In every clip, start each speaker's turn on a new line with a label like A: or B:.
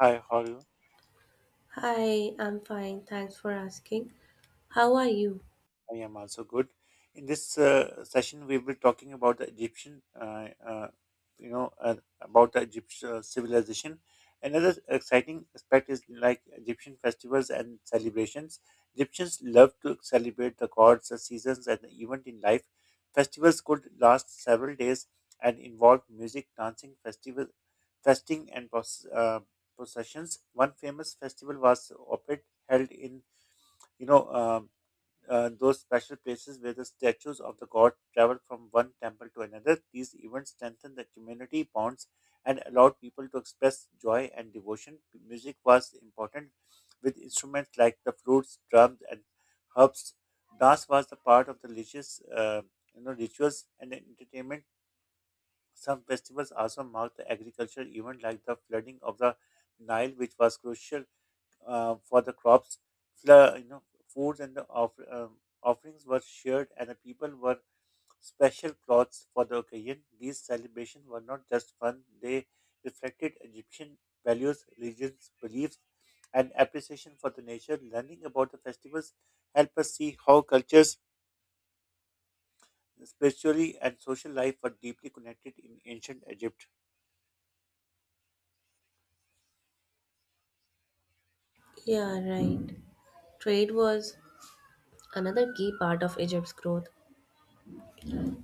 A: Hi, how are you?
B: Hi, I'm fine. Thanks for asking. How are you?
A: I am also good. In this session, we will be talking about the Egyptian, about the Egyptian civilization. Another exciting aspect is like Egyptian festivals and celebrations. Egyptians love to celebrate the gods, the seasons, and the event in life. Festivals could last several days and involve music, dancing, festing, and processions. One famous festival was Opet, held in you know. Um, those special places where the statues of the god travel from one temple to another. These events strengthen the community bonds and allowed people to express joy and devotion. Music was important with instruments like the flutes, drums, and harps. Dance was a part of the religious rituals and entertainment. Some festivals also marked the agricultural event, like the flooding of the Nile, which was crucial for the crops. Foods and the offerings were shared, and the people wore special clothes for the occasion. These celebrations were not just fun; they reflected Egyptian values, religions, beliefs, and appreciation for the nature. Learning about the festivals help us see how cultures, spiritually and social life, were deeply connected in ancient Egypt.
B: Yeah, right. Trade was another key part of Egypt's growth.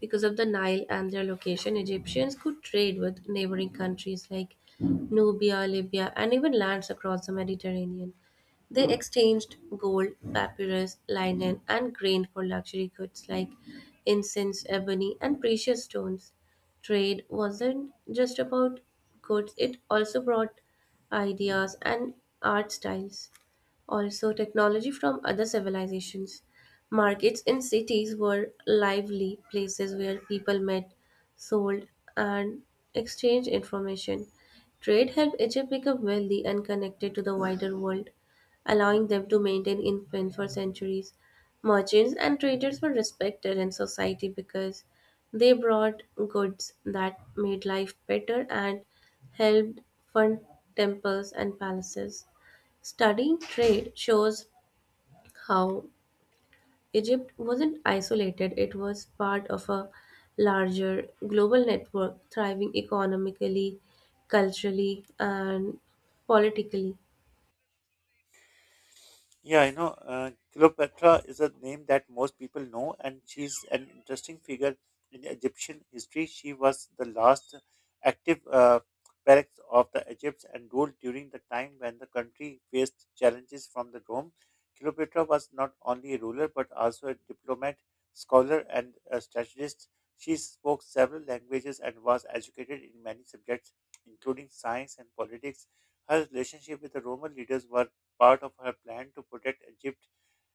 B: Because of the Nile and their location, Egyptians could trade with neighboring countries like Nubia, Libya, and even lands across the Mediterranean. They exchanged gold, papyrus, linen, and grain for luxury goods like incense, ebony, and precious stones. Trade wasn't just about goods, it also brought ideas and art styles. Also, technology from other civilizations. Markets in cities were lively places where people met, sold, and exchanged information. Trade helped Egypt become wealthy and connected to the wider world, allowing them to maintain influence for centuries. Merchants and traders were respected in society because they brought goods that made life better and helped fund temples and palaces. Studying trade shows how Egypt wasn't isolated, it was part of a larger global network thriving economically, culturally, and politically.
A: Yeah, Cleopatra is a name that most people know, and she's an interesting figure in Egyptian history. She was the last active pharaoh of the Egypt and ruled during the time when the country faced challenges from the Rome. Cleopatra was not only a ruler but also a diplomat, scholar, and a strategist. She spoke several languages and was educated in many subjects, including science and politics. Her relationship with the Roman leaders were part of her plan to protect Egypt's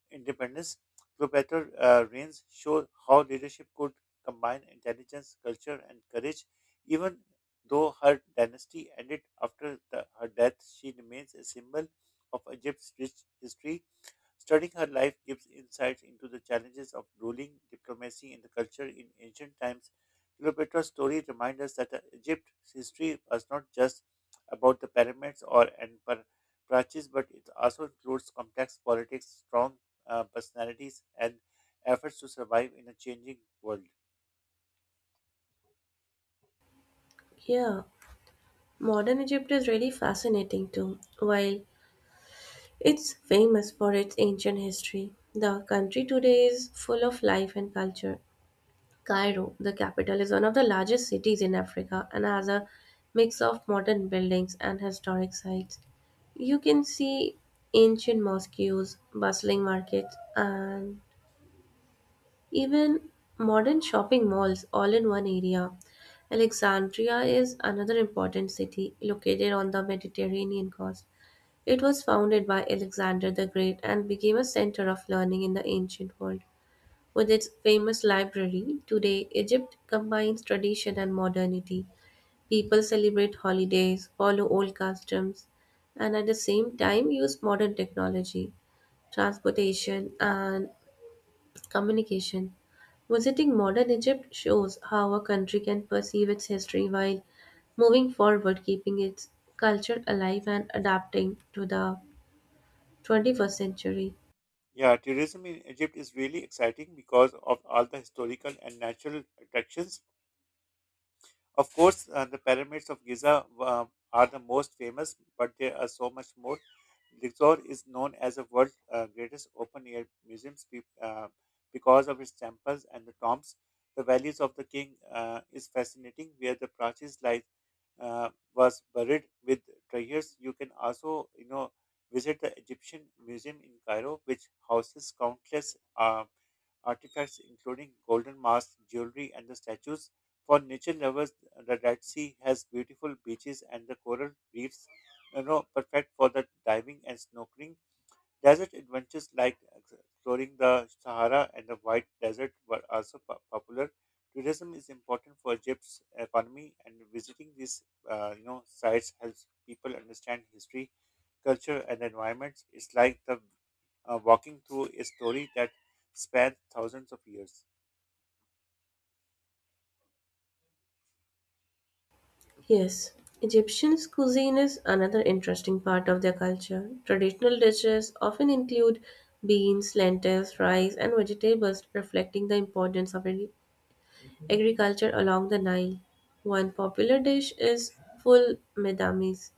A: independence. Cleopatra reigns show how leadership could combine intelligence, culture, and courage. Even though her dynasty ended after her death, she remains a symbol of Egypt's rich history. Studying her life gives insights into the challenges of ruling, diplomacy, and the culture in ancient times. Cleopatra's story reminds us that Egypt's history was not just about the pyramids or Praxis, but it also includes complex politics, strong personalities, and efforts to survive in a changing world.
B: Yeah, modern Egypt is really fascinating too. While it's famous for its ancient history, the country today is full of life and culture. Cairo, the capital, is one of the largest cities in Africa and has a mix of modern buildings and historic sites. You can see ancient mosques, bustling markets, and even modern shopping malls all in one area. Alexandria is another important city located on the Mediterranean coast. It was founded by Alexander the Great and became a center of learning in the ancient world. With its famous library, today Egypt combines tradition and modernity. People celebrate holidays, follow old customs, and at the same time use modern technology, transportation, and communication. Visiting modern Egypt shows how a country can perceive its history while moving forward, keeping its culture alive and adapting to the 21st century.
A: Yeah, tourism in Egypt is really exciting because of all the historical and natural attractions. Of course, the pyramids of Giza are the most famous, but there are so much more. Luxor is known as the world's greatest open-air museum because of its temples and the tombs. The valleys of the king is fascinating, where the Prachi's life uh, was buried with treasures. You can also, you know, visit the Egyptian Museum in Cairo, which houses countless artifacts including golden masks, jewelry, and the statues. For nature lovers, the Red Sea has beautiful beaches and the coral reefs, you know, perfect for the diving and snorkeling. Desert adventures like exploring the Sahara and the White Desert were also popular. Tourism is important for Egypt's economy, and visiting these you know sites helps people understand history, culture, and environments. It's like the walking through a story that spans thousands of years.
B: Yes, Egyptian cuisine is another interesting part of their culture. Traditional dishes often include beans, lentils, rice, and vegetables, reflecting the importance of agriculture along the Nile. One popular dish is full medamis,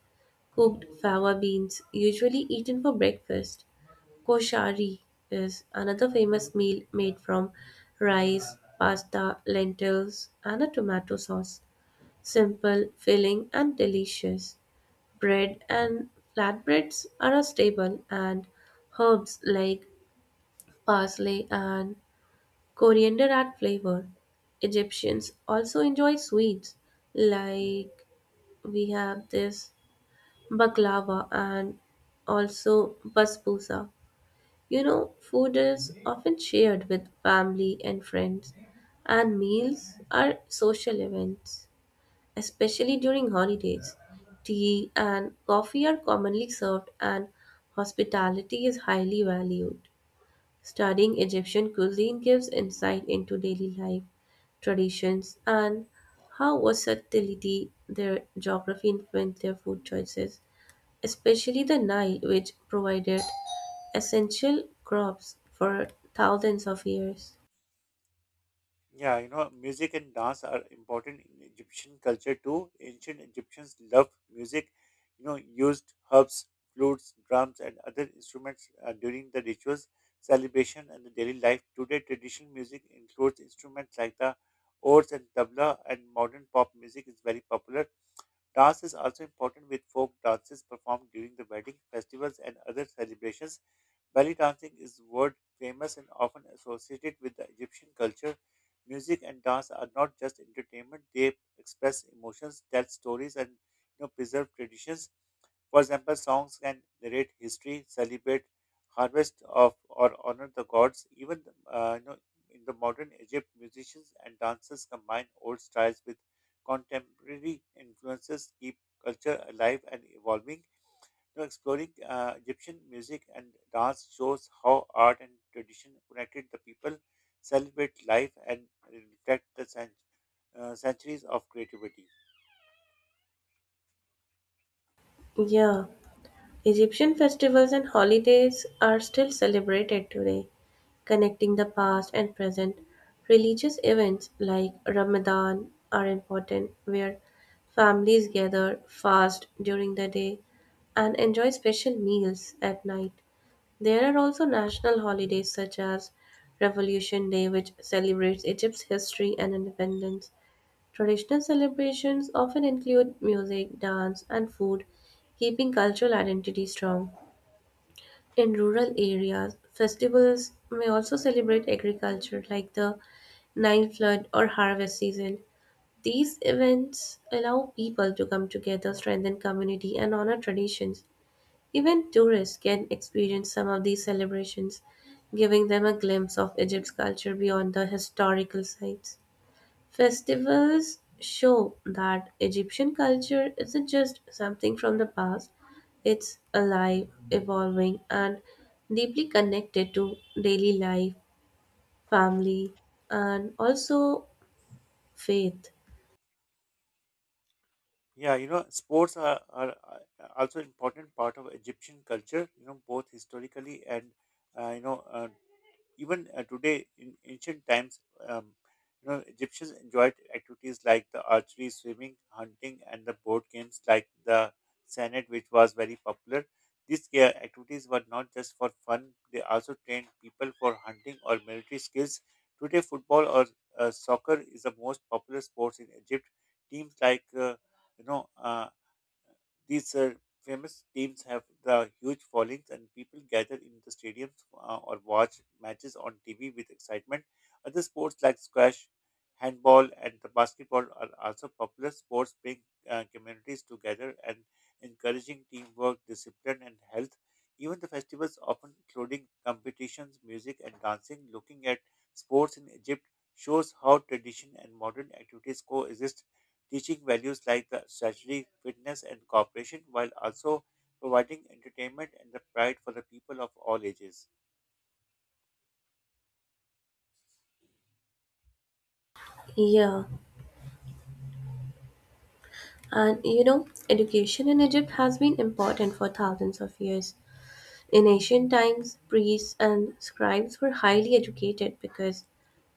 B: cooked fava beans, usually eaten for breakfast. Koshari is another famous meal made from rice, pasta, lentils, and a tomato sauce. Simple, filling, and delicious. Bread and flatbreads are a staple, and herbs like parsley and coriander add flavor. Egyptians also enjoy sweets, like we have this baklava and also basbousa. You know, food is often shared with family and friends, and meals are social events, especially during holidays. Tea and coffee are commonly served, and hospitality is highly valued. Studying Egyptian cuisine gives insight into daily life, traditions, and how versatility their geography influenced their food choices, especially the Nile, which provided essential crops for thousands of years.
A: Yeah, you know, music and dance are important in Egyptian culture too. Ancient Egyptians loved music, you know, used herbs, flutes, drums, and other instruments during the rituals, celebration, and the daily life. Today, traditional music includes instruments like the oud and tabla, and modern pop music is very popular. Dance is also important with folk dances performed during the wedding, festivals, and other celebrations. Belly dancing is world famous and often associated with the Egyptian culture. Music and dance are not just entertainment, they express emotions, tell stories, and you know, preserve traditions. For example, songs can narrate history, celebrate harvest of or honor the gods. Even you know, in the modern Egypt, musicians and dancers combine old styles with contemporary influences, keep culture alive and evolving. Now, exploring Egyptian music and dance shows how art and tradition connected the people, celebrate life, and reflect the centuries of creativity.
B: Yeah. Egyptian festivals and holidays are still celebrated today, connecting the past and present. Religious events like Ramadan are important, where families gather, fast during the day, and enjoy special meals at night. There are also national holidays such as Revolution Day, which celebrates Egypt's history and independence. Traditional celebrations often include music, dance, and food, keeping cultural identity strong. In rural areas, festivals may also celebrate agriculture like the Nile flood or harvest season. These events allow people to come together, strengthen community, and honor traditions. Even tourists can experience some of these celebrations, giving them a glimpse of Egypt's culture beyond the historical sites. Festivals show that Egyptian culture isn't just something from the past, it's alive, evolving, and deeply connected to daily life, family, and also faith.
A: Yeah, you know, sports are also important part of Egyptian culture. You know, both historically and you know Even today, in ancient times, um, you know, Egyptians enjoyed activities like the archery, swimming, hunting, and the board games like the senet, which was very popular. These activities were not just for fun; they also trained people for hunting or military skills. Today, football or soccer is the most popular sports in Egypt. Teams like you know. These Famous teams have the huge followings, and people gather in the stadiums or watch matches on TV with excitement. Other sports like squash, handball, and the basketball are also popular sports, bring communities together and encouraging teamwork, discipline, and health. Even the festivals, often including competitions, music, and dancing, looking at sports in Egypt shows how tradition and modern activities coexist teaching values like the strategy, fitness, and cooperation, while also providing entertainment and the pride for the people of all ages.
B: Yeah, and you know, education in Egypt has been important for thousands of years. In ancient times, priests and scribes were highly educated because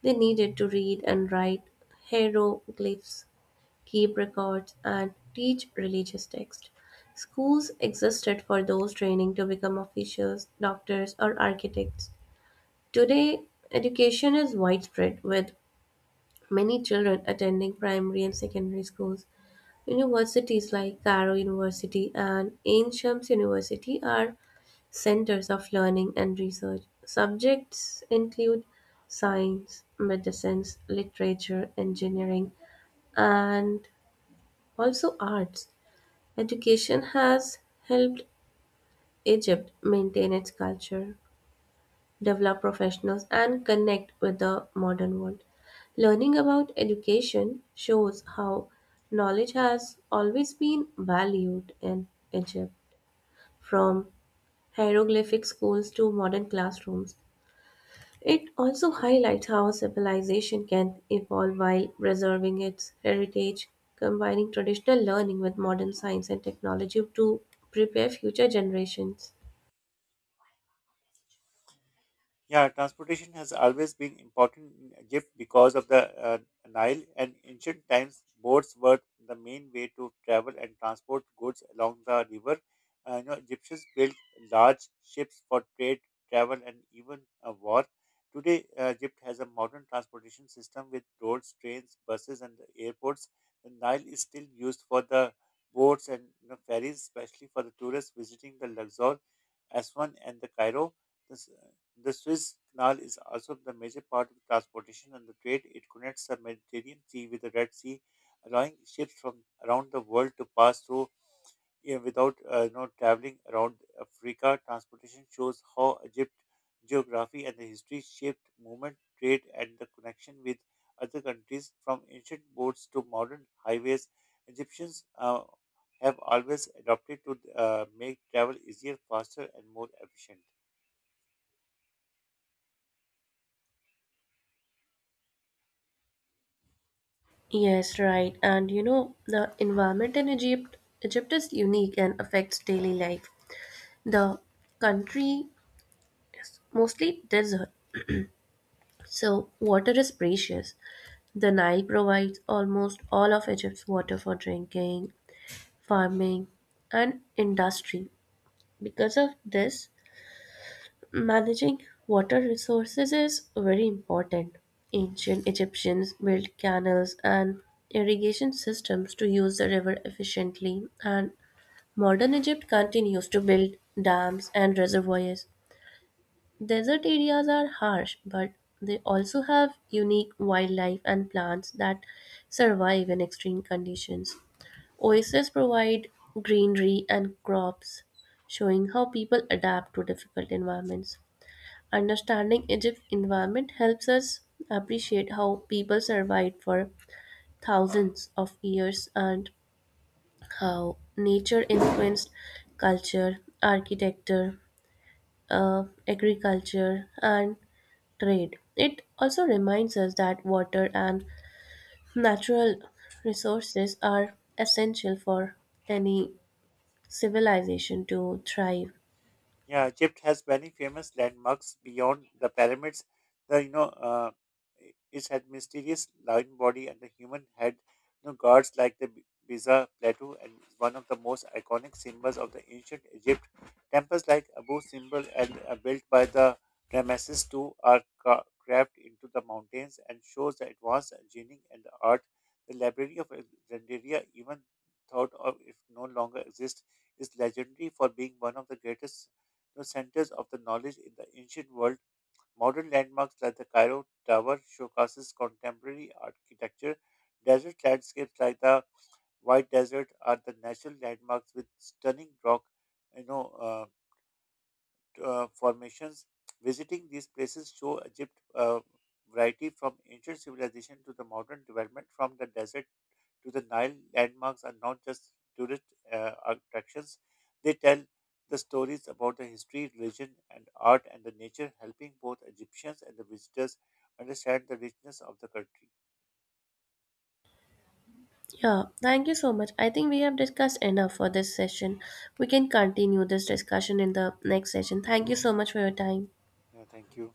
B: they needed to read and write hieroglyphs, keep records, and teach religious texts. Schools existed for those training to become officials, doctors, or architects. Today, education is widespread, with many children attending primary and secondary schools. Universities like Cairo University and Ain Shams University are centers of learning and research. Subjects include science, medicines, literature, engineering, and also arts. Education has helped Egypt maintain its culture, develop professionals, and connect with the modern world. Learning about education shows how knowledge has always been valued in Egypt, from hieroglyphic schools to modern classrooms. It also highlights how a civilization can evolve while preserving its heritage, combining traditional learning with modern science and technology to prepare future generations.
A: Yeah, transportation has always been important in Egypt because of the Nile. And ancient times, boats were the main way to travel and transport goods along the river. You know, Egyptians built large ships for trade, travel, and even war. Today, Egypt has a modern transportation system with roads, trains, buses, and airports. The Nile is still used for the boats and you know, ferries, especially for the tourists visiting the Luxor, Aswan, and the Cairo. The Suez Canal is also the major part of transportation and the trade. It connects the Mediterranean Sea with the Red Sea, allowing ships from around the world to pass through you know, without you know, traveling around Africa. Transportation shows how Egypt geography and the history shaped movement, trade, and the connection with other countries from ancient boats to modern highways. Egyptians have always adopted to make travel easier, faster, and more efficient.
B: Yes, right. And you know, the environment in Egypt, Egypt is unique and affects daily life. The country is mostly desert, so water is precious. The Nile provides almost all of Egypt's water for drinking, farming, and industry. Because of this, managing water resources is very important. Ancient Egyptians built canals and irrigation systems to use the river efficiently, and modern Egypt continues to build dams and reservoirs. Desert areas are harsh, but they also have unique wildlife and plants that survive in extreme conditions. Oases provide greenery and crops, showing how people adapt to difficult environments. Understanding Egypt's environment helps us appreciate how people survived for thousands of years and how nature influenced culture, architecture, agriculture, and trade. It also reminds us that water and natural resources are essential for any civilization to thrive.
A: Yeah, Egypt has many famous landmarks beyond the pyramids. The you know, I- It had mysterious lion body and the human head. You know, gods like the Giza plateau and is one of the most iconic symbols of the ancient Egypt. Temples like Abu Simbel and built by the Ramesses II are carved into the mountains and shows the advanced engineering and the art. The Library of Alexandria, even thought of if no longer exists, is legendary for being one of the greatest the centers of the knowledge in the ancient world. Modern landmarks like the Cairo Tower showcases contemporary architecture. Desert landscapes like the White Desert are the national landmarks with stunning rock, you know, uh, formations. Visiting these places show Egypt variety from ancient civilization to the modern development, from the desert to the Nile, landmarks are not just tourist attractions, they tell the stories about the history, religion, and art and the nature, helping both Egyptians and the visitors understand the richness of the country.
B: Yeah, thank you so much. I think we have discussed enough for this session. We can continue this discussion in the next session. Thank you so much for your time.
A: Yeah, thank you.